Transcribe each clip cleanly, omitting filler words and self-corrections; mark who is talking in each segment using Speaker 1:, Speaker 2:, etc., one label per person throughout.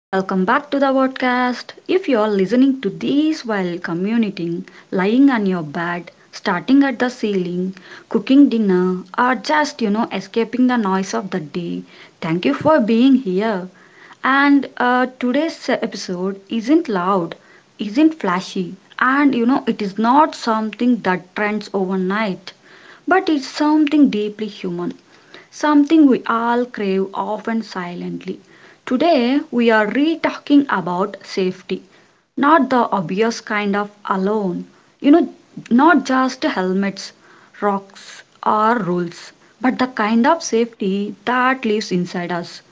Speaker 1: Welcome back to the podcast. If you are listening to this while commuting, lying on your bed, starting at the ceiling, cooking dinner, or just escaping the noise of the day, thank you for being here. And Today's episode isn't loud, isn't flashy, and it is not something that trends overnight, but it's something deeply human, something we all crave often silently. Today we are re talking about safety, not the obvious kind of alone, you know, not just helmets, rocks, or rules, but the kind of safety that lives inside us,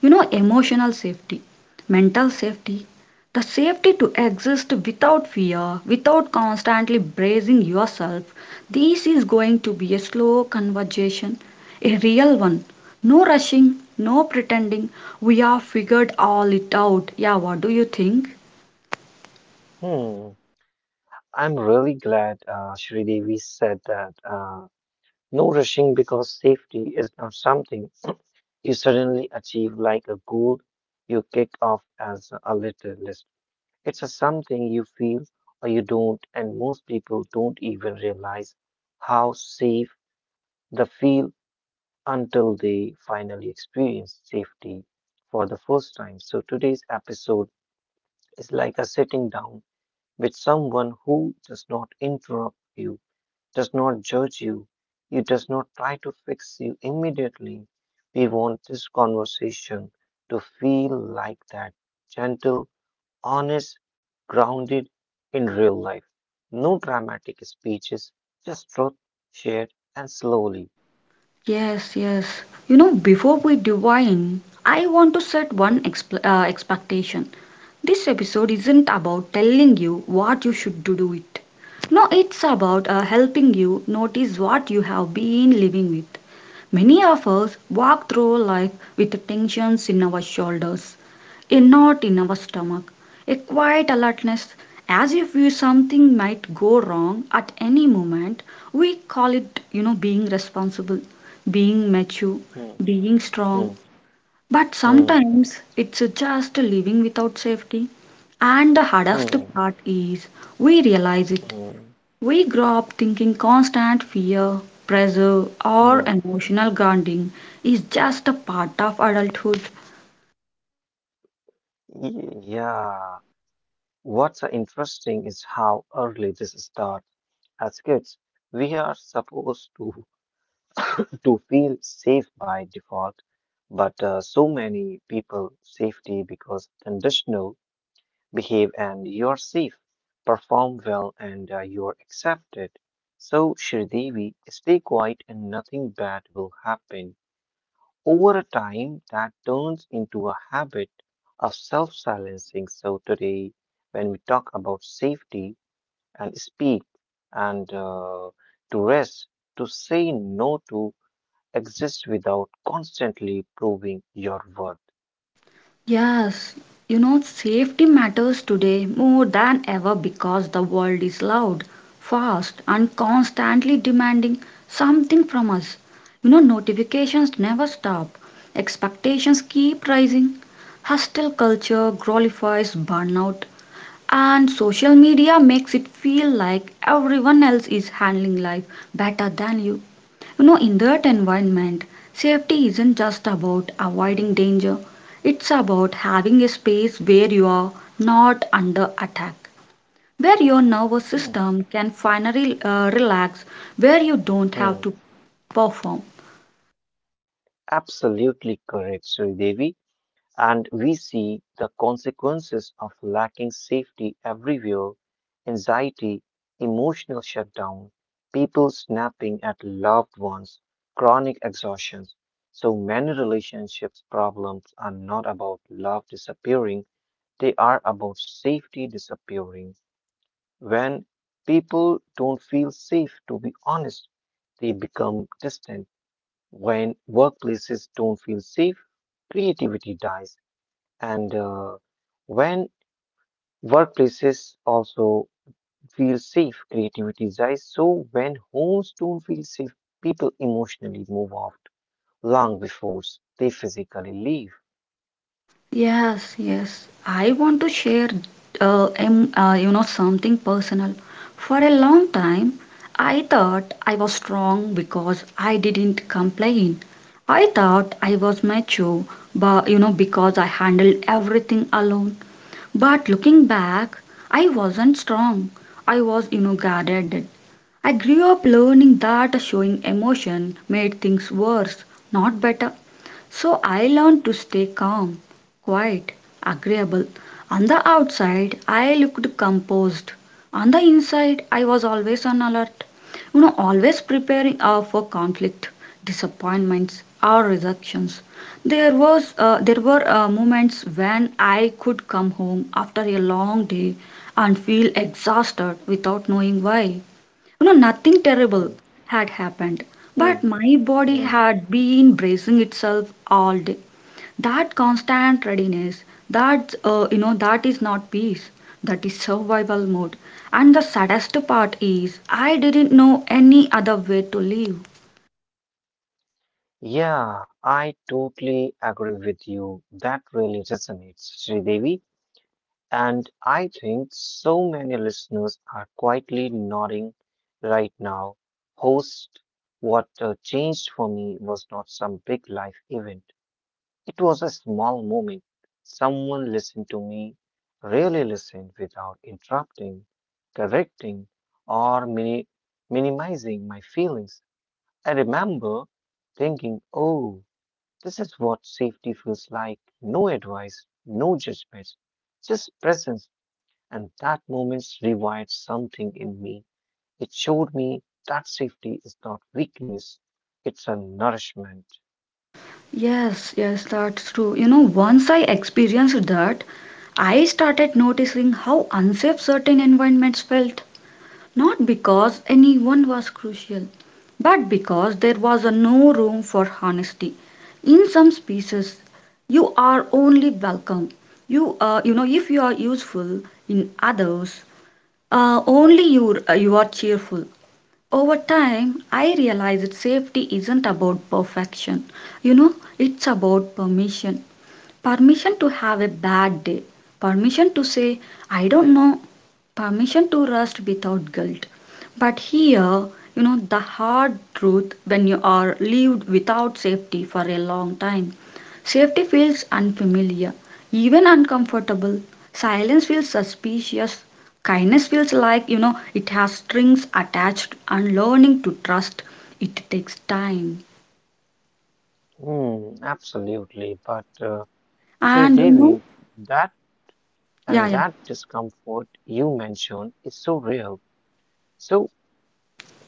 Speaker 1: you know, emotional safety, mental safety, the safety to exist without fear, without constantly bracing yourself. This is going to be a slow conversation, a real one. No rushing, no pretending we have figured all it out. Yeah, what do you think?
Speaker 2: Hmm. I'm really glad Shri Devi said that no rushing, because safety is not something you suddenly achieve like a goal you kick off as a little list. It's a something you feel or you don't, and most people don't even realize how safe they feel until they finally experience safety for the first time. So today's episode is like a sitting down with someone who does not interrupt you, does not judge you. He does not try to fix you immediately. We want this conversation to feel like that: gentle, honest, grounded in real life. No dramatic speeches, just truth shared and slowly.
Speaker 1: Yes, yes. You know, before we divine, I want to set one expectation. This episode isn't about telling you what you should do, do it. No, it's about helping you notice what you have been living with. Many of us walk through life with tensions in our shoulders, a knot in our stomach, a quiet alertness as if we something might go wrong at any moment. We call it, you know, being responsible, being mature,
Speaker 2: Hmm,
Speaker 1: being strong.
Speaker 2: hmm,
Speaker 1: But
Speaker 2: hmm,
Speaker 1: sometimes it's just living without safety. And the hardest
Speaker 2: hmm,
Speaker 1: part is we realize it.
Speaker 2: hmm,
Speaker 1: We grow up thinking constant fear, pressure, or
Speaker 2: hmm.
Speaker 1: emotional grounding is just a part of adulthood.
Speaker 2: Yeah. What's interesting is how early this starts. As kids, we are supposed to to feel safe by default, but so many people safety because conditional behave and you're safe, perform well and you're accepted. So Sridevi, stay quiet and nothing bad will happen. Over a time that turns into a habit of self-silencing. So today, when we talk about safety and speak and to rest, to say no to exist without constantly proving your worth.
Speaker 1: Yes, you know, safety matters today more than ever because the world is loud, fast, and constantly demanding something from us. You know, notifications never stop, expectations keep rising, hostile culture glorifies burnout, and social media makes it feel like everyone else is handling life better than you. You know, in that environment, safety isn't just about avoiding danger, it's about having a space where you are not under attack, where your nervous
Speaker 2: Hmm.
Speaker 1: system can finally relax, where you don't have to
Speaker 2: Hmm,
Speaker 1: perform.
Speaker 2: Absolutely correct, Sridevi. And we see the consequences of lacking safety everywhere: anxiety, emotional shutdown, people snapping at loved ones, chronic exhaustion. So many relationships problems are not about love disappearing, they are about safety disappearing. When people don't feel safe to be honest, they become distant. When workplaces don't feel safe, creativity dies. And when workplaces also feel safe, creativity dies. So when homes don't feel safe, people emotionally move out long before they physically leave.
Speaker 1: Yes, yes. I want to share, you know, something personal. For a long time, I thought I was strong because I didn't complain. I thought I was mature, but you know, because I handled everything alone. But looking back, I wasn't strong. I was, you know, guarded. I grew up learning that showing emotion made things worse, not better. So I learned to stay calm, quiet, agreeable. On the outside, I looked composed. On the inside, I was always on alert. You know, always preparing for conflict, disappointments, or rejections. There were moments when I could come home after a long day and feel exhausted without knowing why. You know, nothing terrible
Speaker 2: Mm,
Speaker 1: had happened, but
Speaker 2: mm,
Speaker 1: my body
Speaker 2: mm.
Speaker 1: had been bracing itself all day. That constant readiness, that is not peace. That is survival mode. And the saddest part is, I didn't know any other way to live.
Speaker 2: Yeah, I totally agree with you. That really resonates, Sridevi. And I think so many listeners are quietly nodding right now. Host, what changed for me was not some big life event, it was a small moment. Someone listened to me, really listened without interrupting, correcting, or minimizing my feelings. I remember thinking, oh, this is what safety feels like: no advice, no judgments, just presence. And that moment rewired something in me. It showed me that safety is not weakness, it's a nourishment.
Speaker 1: Yes, yes, that's true. You know, once I experienced that, I started noticing how unsafe certain environments felt. Not because anyone was crucial, but because there was a no room for honesty. In some species, you are only welcome. You, you know, if you are useful in others, only you, you are cheerful. Over time, I realized that safety isn't about perfection. You know, it's about permission. Permission to have a bad day. Permission to say, I don't know. Permission to rest without guilt. But here, you know, the hard truth when you are lived without safety for a long time. Safety feels unfamiliar, even uncomfortable. Silence feels suspicious. Kindness feels like, you know, it has strings attached and learning to trust. It takes time.
Speaker 2: Hmm, absolutely. But Shri
Speaker 1: And, you know,
Speaker 2: Devi, that
Speaker 1: yeah,
Speaker 2: and
Speaker 1: yeah.
Speaker 2: that discomfort you mentioned is so real. So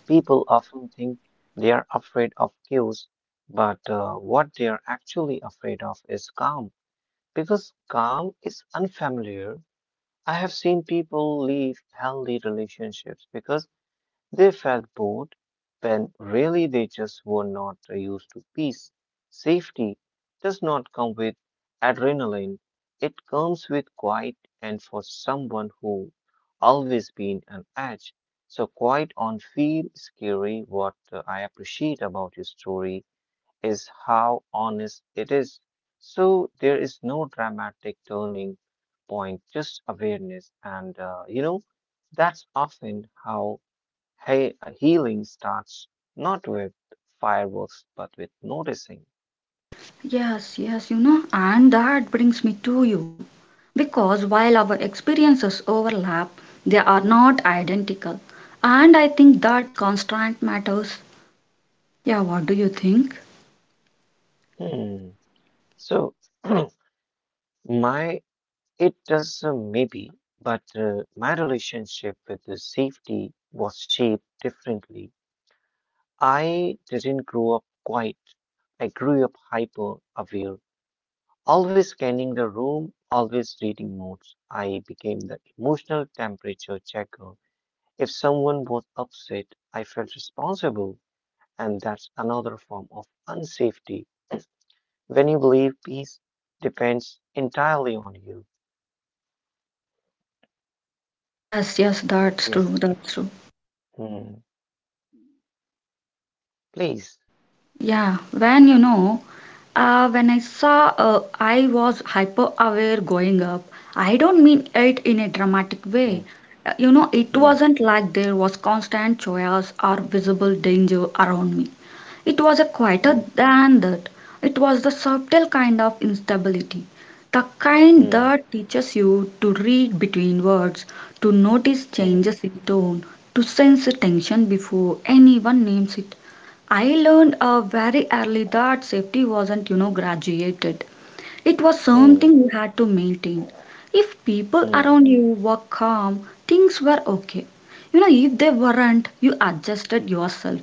Speaker 2: people often think they are afraid of chaos, but what they are actually afraid of is calm, because calm is unfamiliar. I have seen people leave healthy relationships because they felt bored when really they just were not used to peace. Safety does not come with adrenaline, it comes with quiet, and for someone who always been on edge. So quiet on feel scary. What I appreciate about your story is how honest it is. So there is no dramatic turning point, just awareness, and you know that's often how healing starts not with fireworks but with noticing.
Speaker 1: Yes, yes, you know, and that brings me to you. Because while our experiences overlap, they are not identical. And I think that constant matters. Yeah, what do you think?
Speaker 2: Hmm. So my it does maybe, but my relationship with the safety was shaped differently. I didn't grow up quiet. I grew up hyper aware, always scanning the room, always reading notes. I became the emotional temperature checker. If someone was upset, I felt responsible. And that's another form of unsafety when you believe peace depends entirely on you.
Speaker 1: Yes, yes, that's
Speaker 2: Yes.
Speaker 1: true, that's true.
Speaker 2: Hmm. Please.
Speaker 1: Yeah, when you know, when I saw I was hyper aware going up, I don't mean it in a dramatic way.
Speaker 2: Hmm.
Speaker 1: You know, it
Speaker 2: Hmm.
Speaker 1: wasn't like there was constant chaos or visible danger around me. It was a quieter
Speaker 2: Hmm.
Speaker 1: than that. It was the subtle kind of instability, the kind
Speaker 2: Hmm.
Speaker 1: that teaches you to read between words, to notice
Speaker 2: Hmm.
Speaker 1: changes in tone, to sense tension before anyone names it. I learned very early that safety wasn't, you know, graduated. It was
Speaker 2: Hmm.
Speaker 1: something you had to maintain. If people
Speaker 2: Hmm.
Speaker 1: around you were calm, things were okay. You know, if they weren't, you adjusted yourself.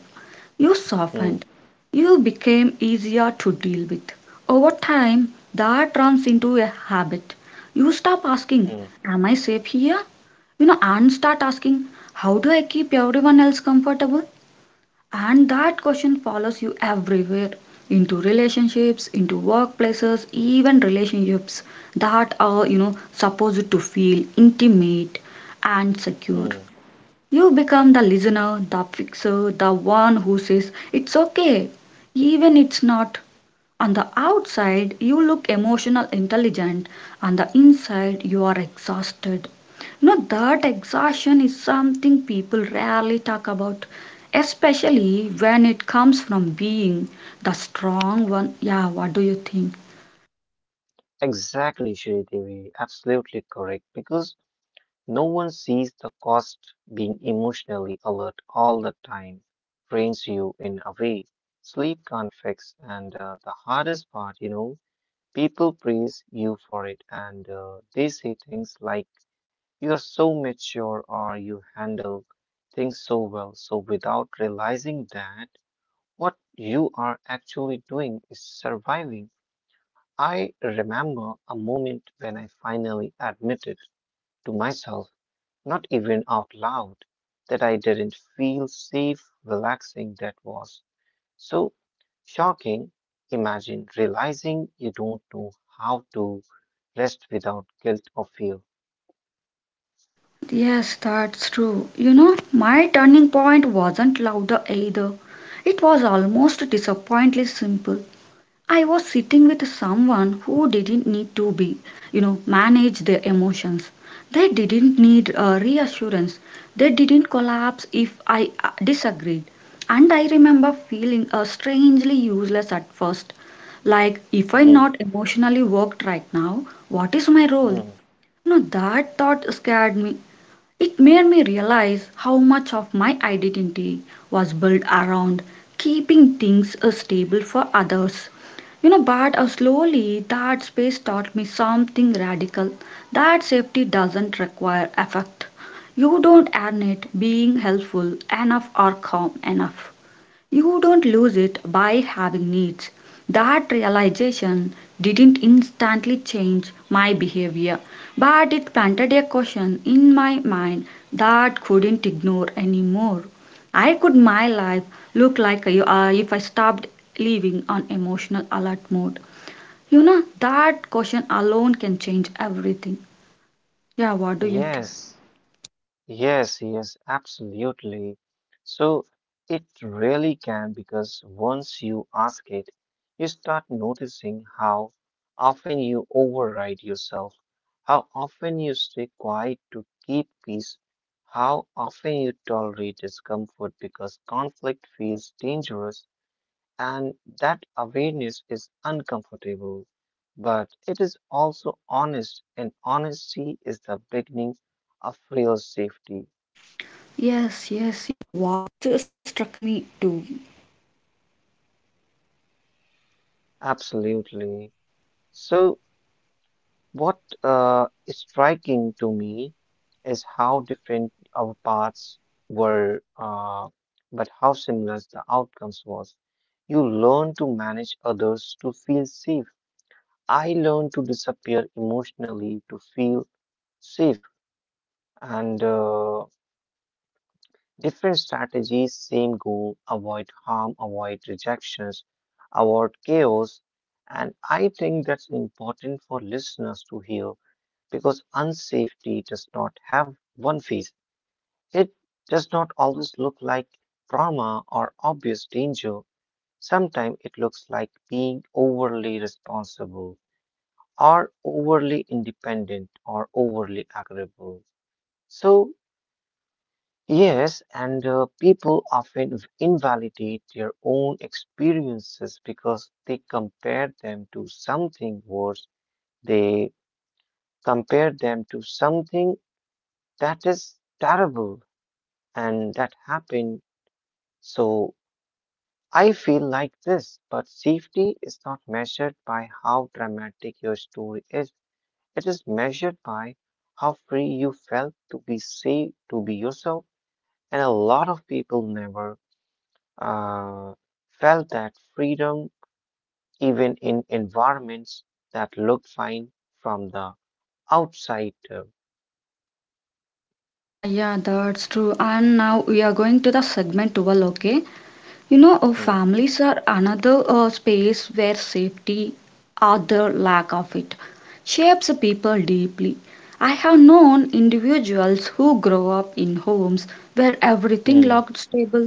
Speaker 1: You
Speaker 2: Hmm.
Speaker 1: softened. You became easier to deal with. Over time, that turns into a habit. You stop asking,
Speaker 2: Hmm.
Speaker 1: am I safe here? You know, and start asking, how do I keep everyone else comfortable? And that question follows you everywhere, into relationships, into workplaces, even relationships that are, you know, supposed to feel intimate and secure.
Speaker 2: Hmm.
Speaker 1: You become the listener, the fixer, the one who says it's okay, even it's not. On the outside, you look emotional intelligent. On the inside, you are exhausted. You know, that exhaustion is something people rarely talk about, especially when it comes from being the strong one. Yeah, what do you think?
Speaker 2: Exactly, Shri Devi. Absolutely correct. Because no one sees the cost being emotionally alert all the time drains you in a way sleep can't fix. And the hardest part, you know, people praise you for it and they say things like, "You're so mature," or "you handle things so well." So, without realizing that, what you are actually doing is surviving. I remember a moment when I finally admitted to myself, not even out loud, that I didn't feel safe relaxing. That was so shocking. Imagine realizing you don't know how to rest without guilt or fear.
Speaker 1: Yes, that's true. You know, my turning point wasn't louder either. It was almost disappointingly simple. I was sitting with someone who didn't need to be, you know, manage their emotions. They didn't need reassurance. They didn't collapse if I disagreed. And I remember feeling strangely useless at first. Like, if I'm
Speaker 2: Mm,
Speaker 1: not emotionally worked right now, what is my role?
Speaker 2: mm.
Speaker 1: No, that thought scared me, it made me realize how much of my identity was built around keeping things stable for others. You know, but Slowly that space taught me something radical, that safety doesn't require effort. You don't earn it being helpful enough or calm enough. You don't lose it by having needs. That realization didn't instantly change my behavior, but it planted a question in my mind that couldn't ignore anymore. I could my life look like you are if I stopped living on emotional alert mode. You know, that question alone can change everything. Yeah, what do you think?
Speaker 2: Yes, yes, yes, absolutely. So it really can because once you ask it, you start noticing how often you override yourself, how often you stay quiet to keep peace, how often you tolerate discomfort because conflict feels dangerous. And that awareness is uncomfortable, but it is also honest, and honesty is the beginning of real safety.
Speaker 1: Yes,
Speaker 2: Absolutely. So, what is striking to me is how different our paths were, but how similar the outcomes was. You learn to manage others to feel safe. I learned to disappear emotionally to feel safe, and different strategies, same goal: avoid harm, avoid rejections, avoid chaos. And I think that's important for listeners to hear because unsafety does not have one face. It does not always look like trauma or obvious danger. Sometimes it looks like being overly responsible or overly independent or overly agreeable. So yes, and people often invalidate their own experiences because they compare them to something worse. They compare them to something that is terrible and that happened. So I feel like this, but safety is not measured by how dramatic your story is. It is measured by how free you felt to be safe, to be yourself. And a lot of people never uh, felt that freedom even in environments that look fine from the outside.
Speaker 1: yeah, yeah, that's true. And now we are going to the segment 12, okay? You know,
Speaker 2: Hmm,
Speaker 1: families are another space where safety or the lack of it shapes people deeply. I have known individuals who grow up in homes where everything
Speaker 2: hmm,
Speaker 1: looked stable,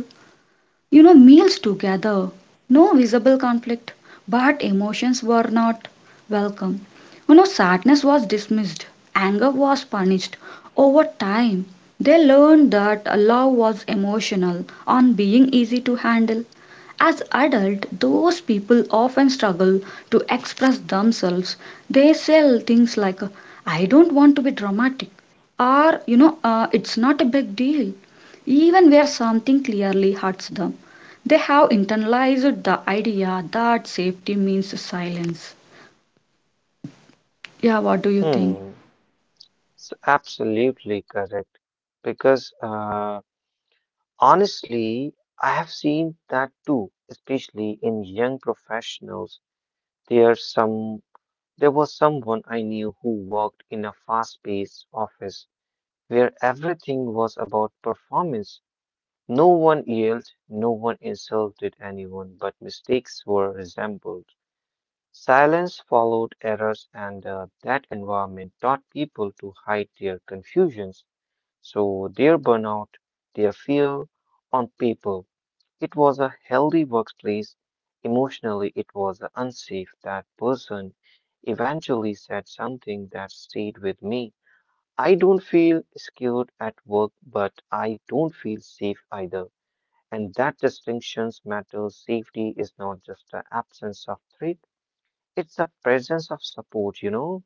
Speaker 1: you know, meals together. No visible conflict, but emotions were not welcome. You know, sadness was dismissed, anger was punished. Over time, they learned that love was emotional, on being easy to handle. As adult, those people often struggle to express themselves. They say things like, "I don't want to be dramatic," or you know, "It's not a big deal." Even where something clearly hurts them, they have internalized the idea that safety means silence. Yeah, what do you think?
Speaker 2: hmm. So absolutely correct. Because honestly, I have seen that too, especially in young professionals. There's some, there was someone I knew who worked in a fast-paced office where everything was about performance. No one yelled, no one insulted anyone, but mistakes were resembled. Silence followed errors, and that environment taught people to hide their confusions, so their burnout, their fear on people. It was a healthy workplace. Emotionally, it was unsafe. That person eventually said something that stayed with me. I don't feel scared at work, but I don't feel safe either. And that distinctions matters. Safety is not just the absence of threat, it's the presence of support, you know?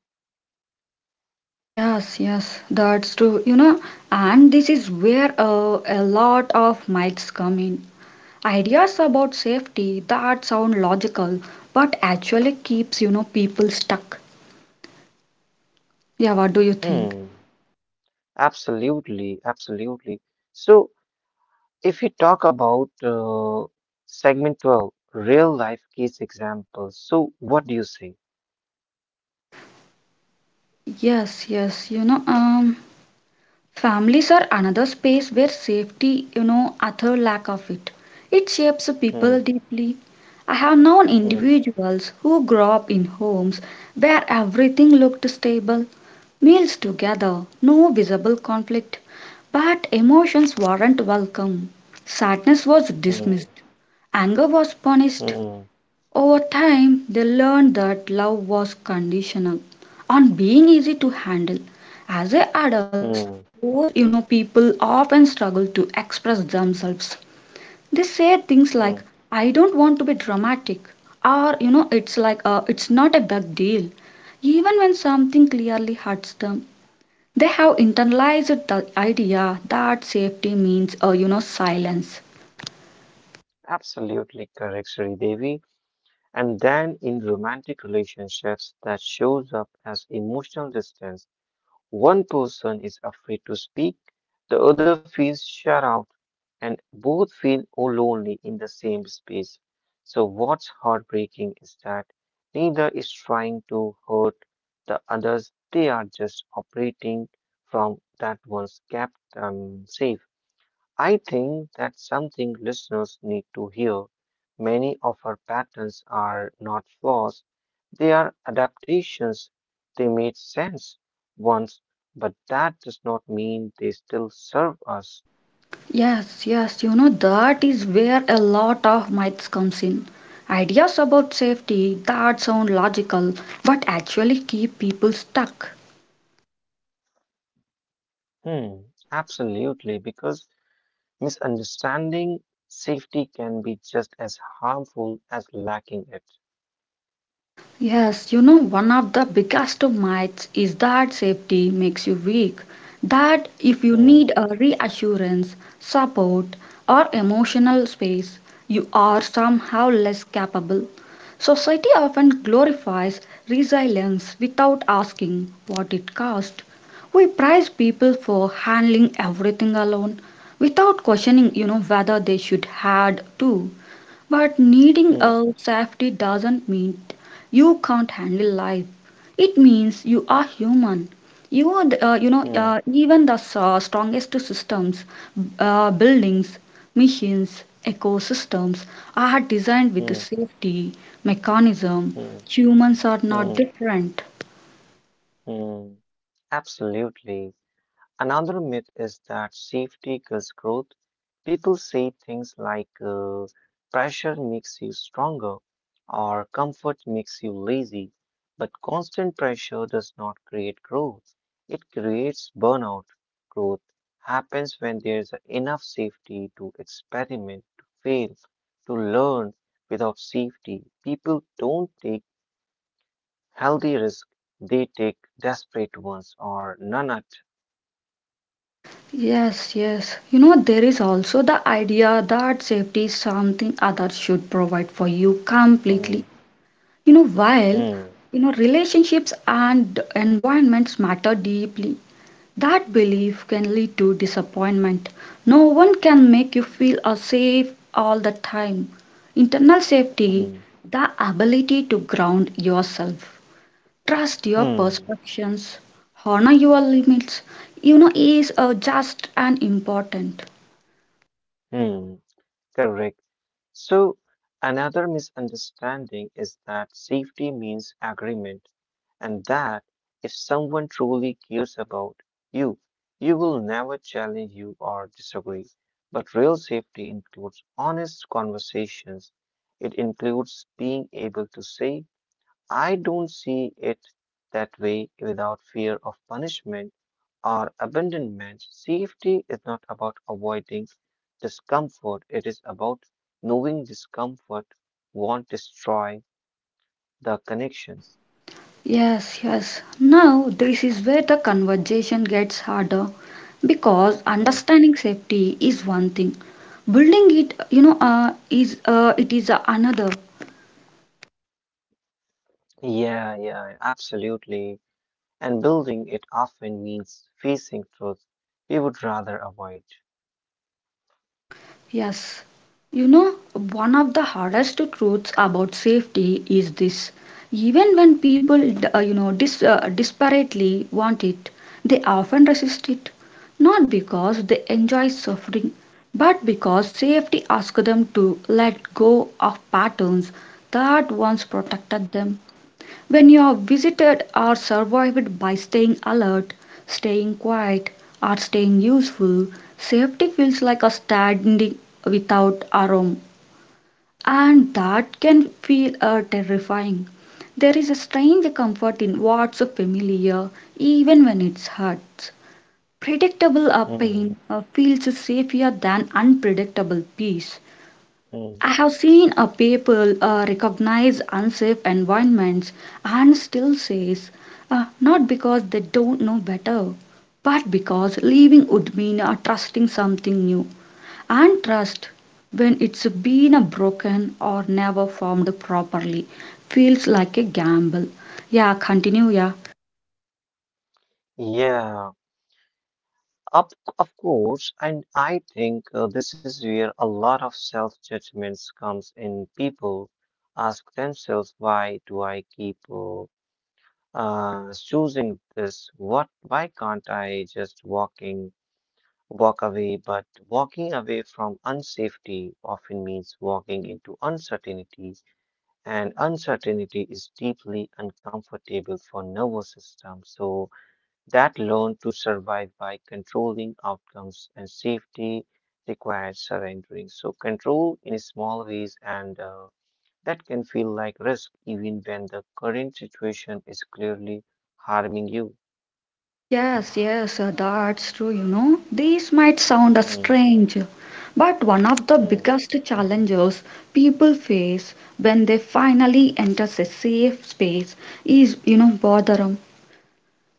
Speaker 1: Yes, yes, that's true. You know, and this is where a lot of myths come in. Ideas about safety that sound logical, but actually keeps, you know, people stuck. Yeah, what do you think?
Speaker 2: Hmm. Absolutely, absolutely. So, if you talk about segment 12, real life case examples, so what do you say?
Speaker 1: Yes, yes, you know, um, Families are another space where safety, you know, other lack of it. It shapes people
Speaker 2: Hmm,
Speaker 1: deeply. I have known
Speaker 2: hmm,
Speaker 1: individuals who grew up in homes where everything looked stable, meals together, no visible conflict, but emotions weren't welcome. Sadness was
Speaker 2: hmm,
Speaker 1: dismissed, anger was punished,
Speaker 2: hmm,
Speaker 1: over time, they learned that love was conditional on being easy to handle. As a adults,
Speaker 2: hmm,
Speaker 1: those people often struggle to express themselves. They say things
Speaker 2: hmm.
Speaker 1: like, "I don't want to be dramatic," or you know, it's like, "It's not a big deal." Even when something clearly hurts them, they have internalized the idea that safety means, silence.
Speaker 2: Absolutely correct, Sri Devi. And then in romantic relationships, that shows up as emotional distance. One person is afraid to speak, the other feels shut out, and both feel all lonely in the same space. So, what's heartbreaking is that neither is trying to hurt the others, they are just operating from that one's kept them safe. I think that's something listeners need to hear. Many of our patterns are not flaws, they are adaptations. They made sense once, but that does not mean they still serve us.
Speaker 1: Yes, yes, you know, that is where a lot of myths comes in. Ideas about safety that sound logical but actually keep people stuck.
Speaker 2: Hmm, absolutely, because misunderstanding safety can be just as harmful as lacking it.
Speaker 1: Yes, you know, one of the biggest myths is that safety makes you weak. That if you
Speaker 2: Hmm,
Speaker 1: need a reassurance, support, or emotional space, you are somehow less capable. Society often glorifies resilience without asking what it cost. We prize people for handling everything alone without questioning, you know, whether they should had to. But needing
Speaker 2: hmm,
Speaker 1: a safety doesn't mean you can't handle life. It means you are human. You are, the- you know,
Speaker 2: hmm,
Speaker 1: even the s- strongest systems, buildings, machines, ecosystems are designed
Speaker 2: hmm,
Speaker 1: with safety mechanism.
Speaker 2: hmm,
Speaker 1: Humans are not
Speaker 2: hmm,
Speaker 1: different.
Speaker 2: hmm. Absolutely. Another myth is that safety kills growth. People say things like pressure makes you stronger or comfort makes you lazy, but constant pressure does not create growth. It creates burnout. Growth happens when there's enough safety to experiment, to fail, to learn. Without safety, people don't take healthy risks, they take desperate ones or none at.
Speaker 1: Yes, yes. You know, there is also the idea that safety is something others should provide for you completely.
Speaker 2: Hmm,
Speaker 1: You know, while
Speaker 2: hmm.
Speaker 1: you know relationships and environments matter deeply, that belief can lead to disappointment. No one can make you feel safe all the time. Internal safety,
Speaker 2: Hmm,
Speaker 1: the ability to ground yourself, trust your
Speaker 2: hmm,
Speaker 1: perceptions, honor your limits, is just and important.
Speaker 2: hmm, correct. So, another misunderstanding is that safety means agreement, and that if someone truly cares about you, you will never challenge you or disagree. But real safety includes honest conversations. It includes being able to say, I don't see it that way without fear of punishment. Our abandonment, safety is not about avoiding discomfort, it is about knowing discomfort won't destroy the connections.
Speaker 1: Yes, yes. Now, this is where the conversation gets harder because
Speaker 2: Hmm.
Speaker 1: understanding safety is one thing. Building it, you know, is it is another.
Speaker 2: Yeah, yeah, absolutely. And building it often means facing truth we would rather avoid.
Speaker 1: Yes. You know, one of the hardest truths about safety is this. Even when people desperately want it, they often resist it. Not because they enjoy suffering, but because safety asks them to let go of patterns that once protected them. When you are visited or survived by staying alert, staying quiet, or staying useful, safety feels like a standing without arm, and that can feel terrifying. There is a strange comfort in what's familiar, even when it hurts. Predictable
Speaker 2: Hmm,
Speaker 1: pain feels safer than unpredictable peace.
Speaker 2: hmm.
Speaker 1: I have seen a people recognize unsafe environments and still says not because they don't know better, but because leaving would mean trusting something new. And trust, when it's been broken or never formed properly, feels like a gamble. Yeah, continue. Yeah.
Speaker 2: Yeah, of, of course, and I think this is where a lot of self-judgments comes in. People ask themselves, why do I keep choosing this. What? Why can't I just walk away? But walking away from unsafety often means walking into uncertainty, and uncertainty is deeply uncomfortable for nervous system. So that learn to survive by controlling outcomes and safety requires surrendering. So control in small ways and that can feel like risk even when the current situation is clearly harming you.
Speaker 1: Yes, yes, that's true, you know. These might sound
Speaker 2: Hmm,
Speaker 1: strange, but one of the
Speaker 2: hmm,
Speaker 1: biggest challenges people face when they finally enter a safe space is, you know, boredom.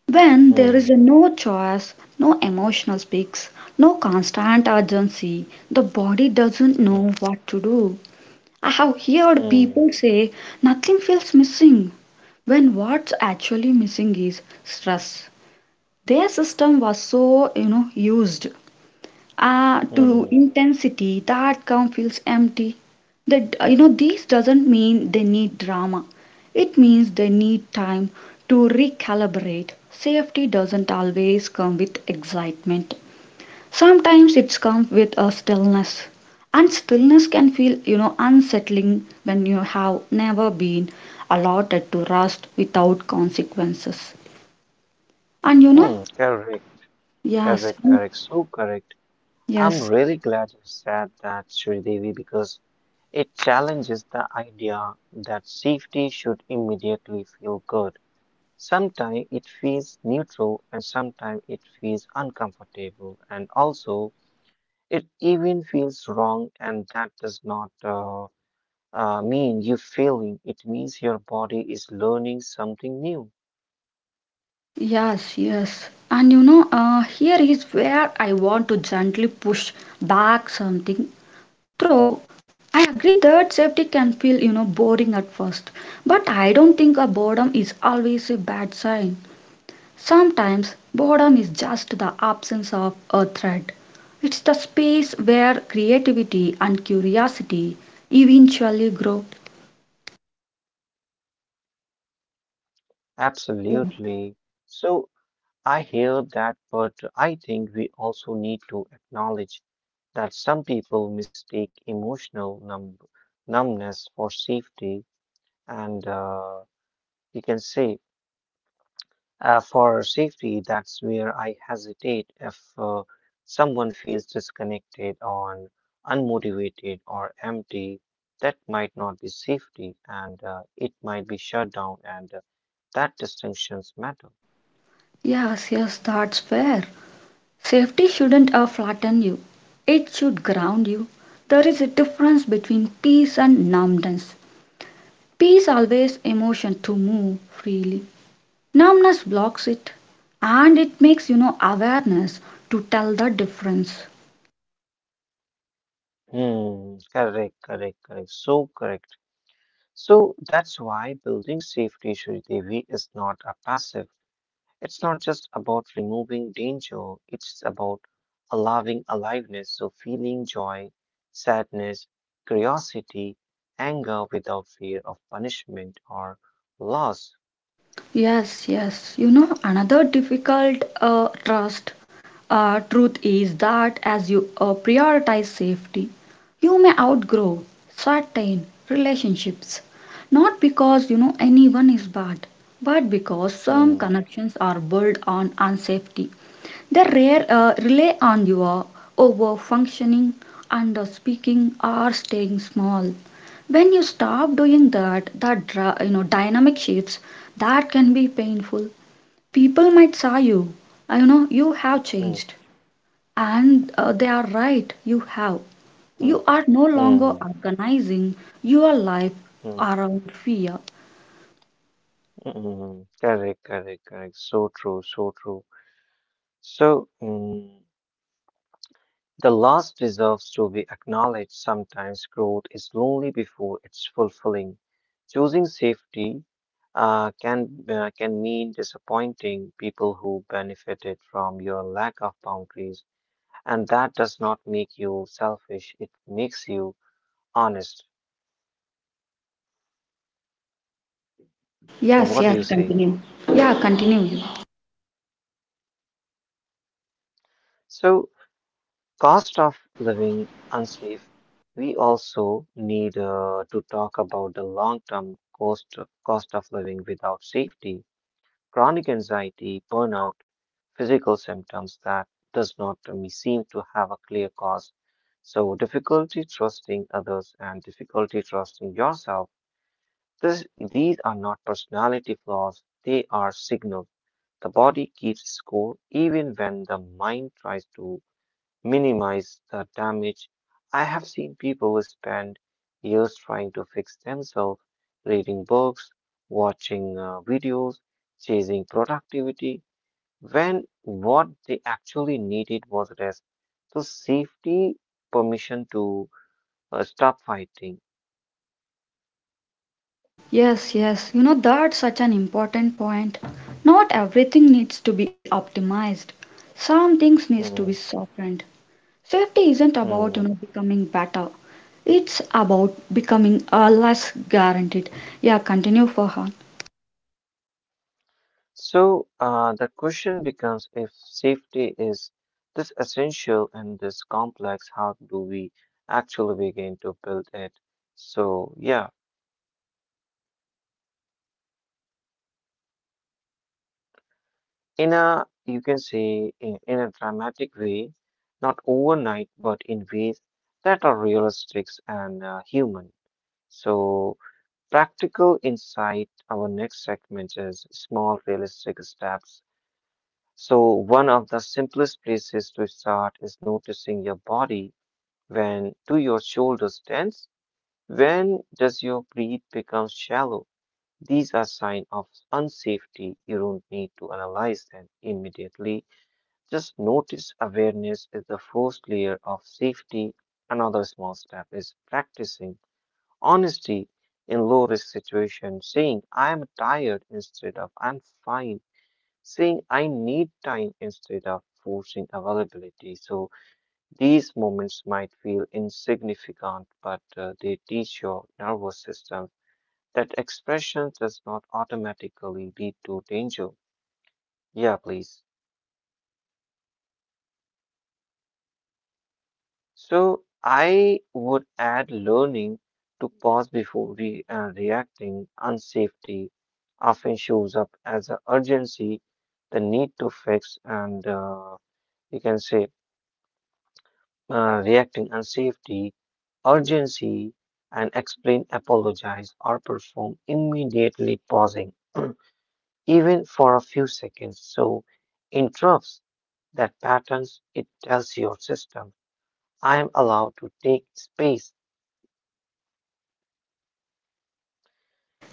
Speaker 1: When there
Speaker 2: hmm,
Speaker 1: is no choice, no emotional speaks, no constant urgency, the body doesn't
Speaker 2: hmm,
Speaker 1: know what to do. I have heard
Speaker 2: hmm,
Speaker 1: people say nothing feels missing when what's actually missing is stress their system was so, you know, used to
Speaker 2: hmm,
Speaker 1: intensity that calm feels empty. That this doesn't mean they need drama. It means they need time to recalibrate. Safety doesn't always come with excitement. Sometimes it's come with a stillness. And stillness can feel, you know, unsettling when you have never been allotted to rest without consequences. And you know,
Speaker 2: hmm. Correct,
Speaker 1: yes,
Speaker 2: correct, correct. So correct. I'm
Speaker 1: yes.
Speaker 2: really glad you said that, Sridevi, because it challenges the idea that safety should immediately feel good. Sometimes it feels neutral and sometimes it feels uncomfortable. And also, it even feels wrong, and that does not mean you're failing. It means your body is learning something new.
Speaker 1: Yes, yes. And you know, here is where I want to gently push back something. Throw. I agree that safety can feel, you know, boring at first. But I don't think a boredom is always a bad sign. Sometimes boredom is just the absence of a threat. It's the space where creativity and curiosity eventually grow. Yeah.
Speaker 2: Absolutely. So I hear that, but I think we also need to acknowledge that some people mistake emotional numbness for safety, and you can say uh, for safety, that's where I hesitate. If someone feels disconnected or unmotivated or empty, that might not be safety and it might be shutdown, and that distinctions matter.
Speaker 1: Yes, yes, that's fair. Safety shouldn't flatten you, it should ground you. There is a difference between peace and numbness. Peace allows emotion to move freely. Numbness blocks it and it makes you know awareness to tell the difference.
Speaker 2: Hmm, correct, correct, correct. So correct. So that's why building safety, Shri Devi, is not a passive. It's not just about removing danger, it's about allowing aliveness, so feeling joy, sadness, curiosity, anger without fear of punishment or loss.
Speaker 1: Yes, yes. You know, another difficult trust truth is that as you prioritize safety, you may outgrow certain relationships. Not because, you know, anyone is bad, but because some
Speaker 2: Hmm,
Speaker 1: connections are built on unsafety. The rare rely on your over functioning, under speaking, or staying small. When you stop doing that, that dynamic shifts that can be painful. People might say you have
Speaker 2: hmm,
Speaker 1: changed, and they are right. You have. You
Speaker 2: hmm,
Speaker 1: are no longer
Speaker 2: hmm,
Speaker 1: organizing your life
Speaker 2: hmm,
Speaker 1: around fear.
Speaker 2: hmm. Correct, correct, correct. So true, so true. So, mm, the loss deserves to be acknowledged. Sometimes growth is lonely before it's fulfilling. Choosing safety can mean disappointing people who benefited from your lack of boundaries, and that does not make you selfish. It makes you honest. So
Speaker 1: Yes,
Speaker 2: what do
Speaker 1: yes.
Speaker 2: you say?
Speaker 1: Yeah, continue.
Speaker 2: So cost of living unsafe. We also need to talk about the long-term cost of living without safety. Chronic anxiety, burnout, physical symptoms that does not seem to have a clear cause. So difficulty trusting others and difficulty trusting yourself. These are not personality flaws, they are signals. The body keeps score even when the mind tries to minimize the damage. I have seen people who spend years trying to fix themselves, reading books, watching videos, chasing productivity, when what they actually needed was rest. So safety permission to stop fighting.
Speaker 1: Yes, yes, you know that's such an important point. Not everything needs to be optimized. Some things needs to be
Speaker 2: Hmm,
Speaker 1: softened. Safety isn't about, you
Speaker 2: hmm.
Speaker 1: know, becoming better. It's about becoming less guaranteed. Yeah, continue for her.
Speaker 2: So the question becomes if safety is this essential and this complex, how do we actually begin to build it? So yeah, in a you can say in a dramatic way, not overnight, but in ways that are realistic and human. So practical insight. Our next segment is small realistic steps. So, one of the simplest places to start is noticing your body. When do your shoulders tense? When does your breath become shallow? These are signs of unsafety. You don't need to analyze them immediately. Just notice awareness is the first layer of safety. Another small step is practicing. Honesty in low risk situations, saying I am tired instead of I'm fine, saying I need time instead of forcing availability. So these moments might feel insignificant, but they teach your nervous system that expression does not automatically lead to danger. Yeah, please. So I would add learning to pause before reacting. Unsafety often shows up as a urgency, the need to fix, and you can say reacting unsafety, urgency, and explain, apologize, or perform immediately pausing, even for a few seconds. So interrupts that patterns, it tells your system, I am allowed to take space.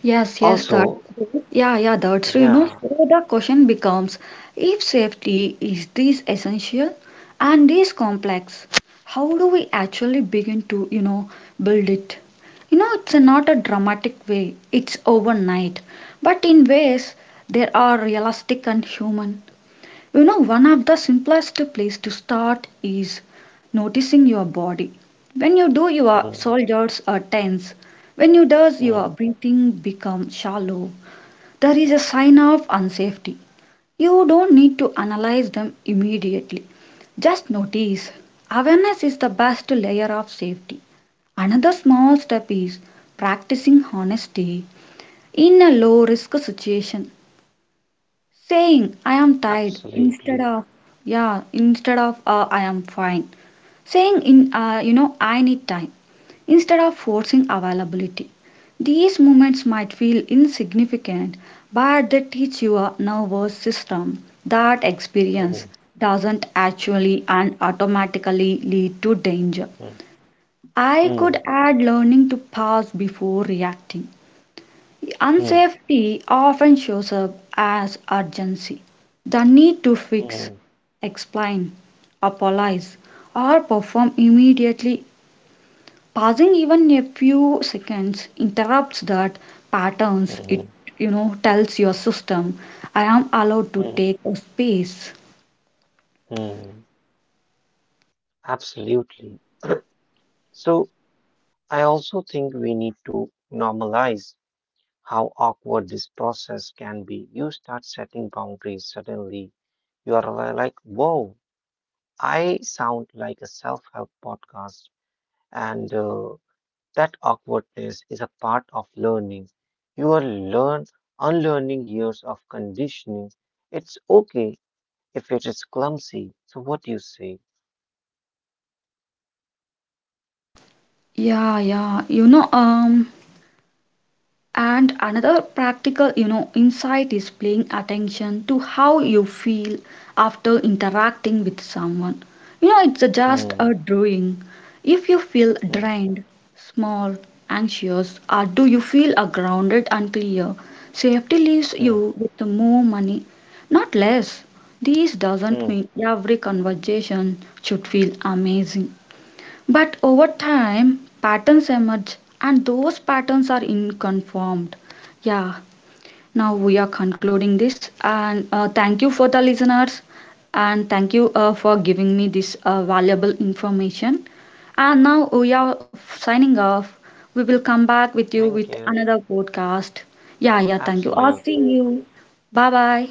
Speaker 1: Yes, yes, that's
Speaker 2: Also,
Speaker 1: true. Yeah, yeah, that's true. You know,
Speaker 2: yeah,
Speaker 1: so the question becomes if safety is this essential and this complex, how do we actually begin to, you know, build it? You know, it's not a dramatic way, it's overnight, but in ways that are realistic and human. You know, one of the simplest place to start is noticing your body. When you do, your
Speaker 2: mm,
Speaker 1: shoulders are tense. When you does, your
Speaker 2: mm,
Speaker 1: breathing becomes shallow. There is a sign of unsafety. You don't need to analyze them immediately. Just notice. Awareness is the best layer of safety. Another small step is practicing honesty in a low risk situation. Saying I am tired instead
Speaker 2: absolutely.
Speaker 1: of yeah, instead of I am fine. Saying in I need time instead of forcing availability. These moments might feel insignificant, but they teach your nervous system that experience
Speaker 2: Mm,
Speaker 1: doesn't actually
Speaker 2: mm,
Speaker 1: and automatically lead to danger.
Speaker 2: mm,
Speaker 1: I could
Speaker 2: mm,
Speaker 1: add learning to pause before reacting.
Speaker 2: mm,
Speaker 1: Unsafety often shows up as urgency, the need to fix,
Speaker 2: mm,
Speaker 1: explain, apologize, or perform immediately. Pausing even a few seconds interrupts that patterns. It
Speaker 2: mm,
Speaker 1: you know tells your system, I am allowed to
Speaker 2: mm,
Speaker 1: take a space.
Speaker 2: mm, absolutely. So, I also think we need to normalize how awkward this process can be. You start setting boundaries, suddenly you are like, whoa, I sound like a self-help podcast, and that awkwardness is a part of learning. You are learn unlearning years of conditioning. It's okay if it is clumsy. So what do you say?
Speaker 1: Yeah, yeah. And another practical, you know, insight is paying attention to how you feel after interacting with someone. You know, it's just a
Speaker 2: Hmm,
Speaker 1: drawing. If you feel
Speaker 2: hmm,
Speaker 1: drained, small, anxious, or do you feel grounded and clear, safety leaves
Speaker 2: hmm,
Speaker 1: you with more money, not less. This doesn't
Speaker 2: hmm.
Speaker 1: mean every conversation should feel amazing. But over time, patterns emerge, and those patterns are inconformed. Yeah, now we are concluding this, and thank you for the listeners, and thank you for giving me this valuable information. And now we are signing off. We will come back with you
Speaker 2: Thank
Speaker 1: with
Speaker 2: you.
Speaker 1: another podcast. Yeah, yeah, thank you. I'll see
Speaker 2: Absolutely.
Speaker 1: you. Bye bye.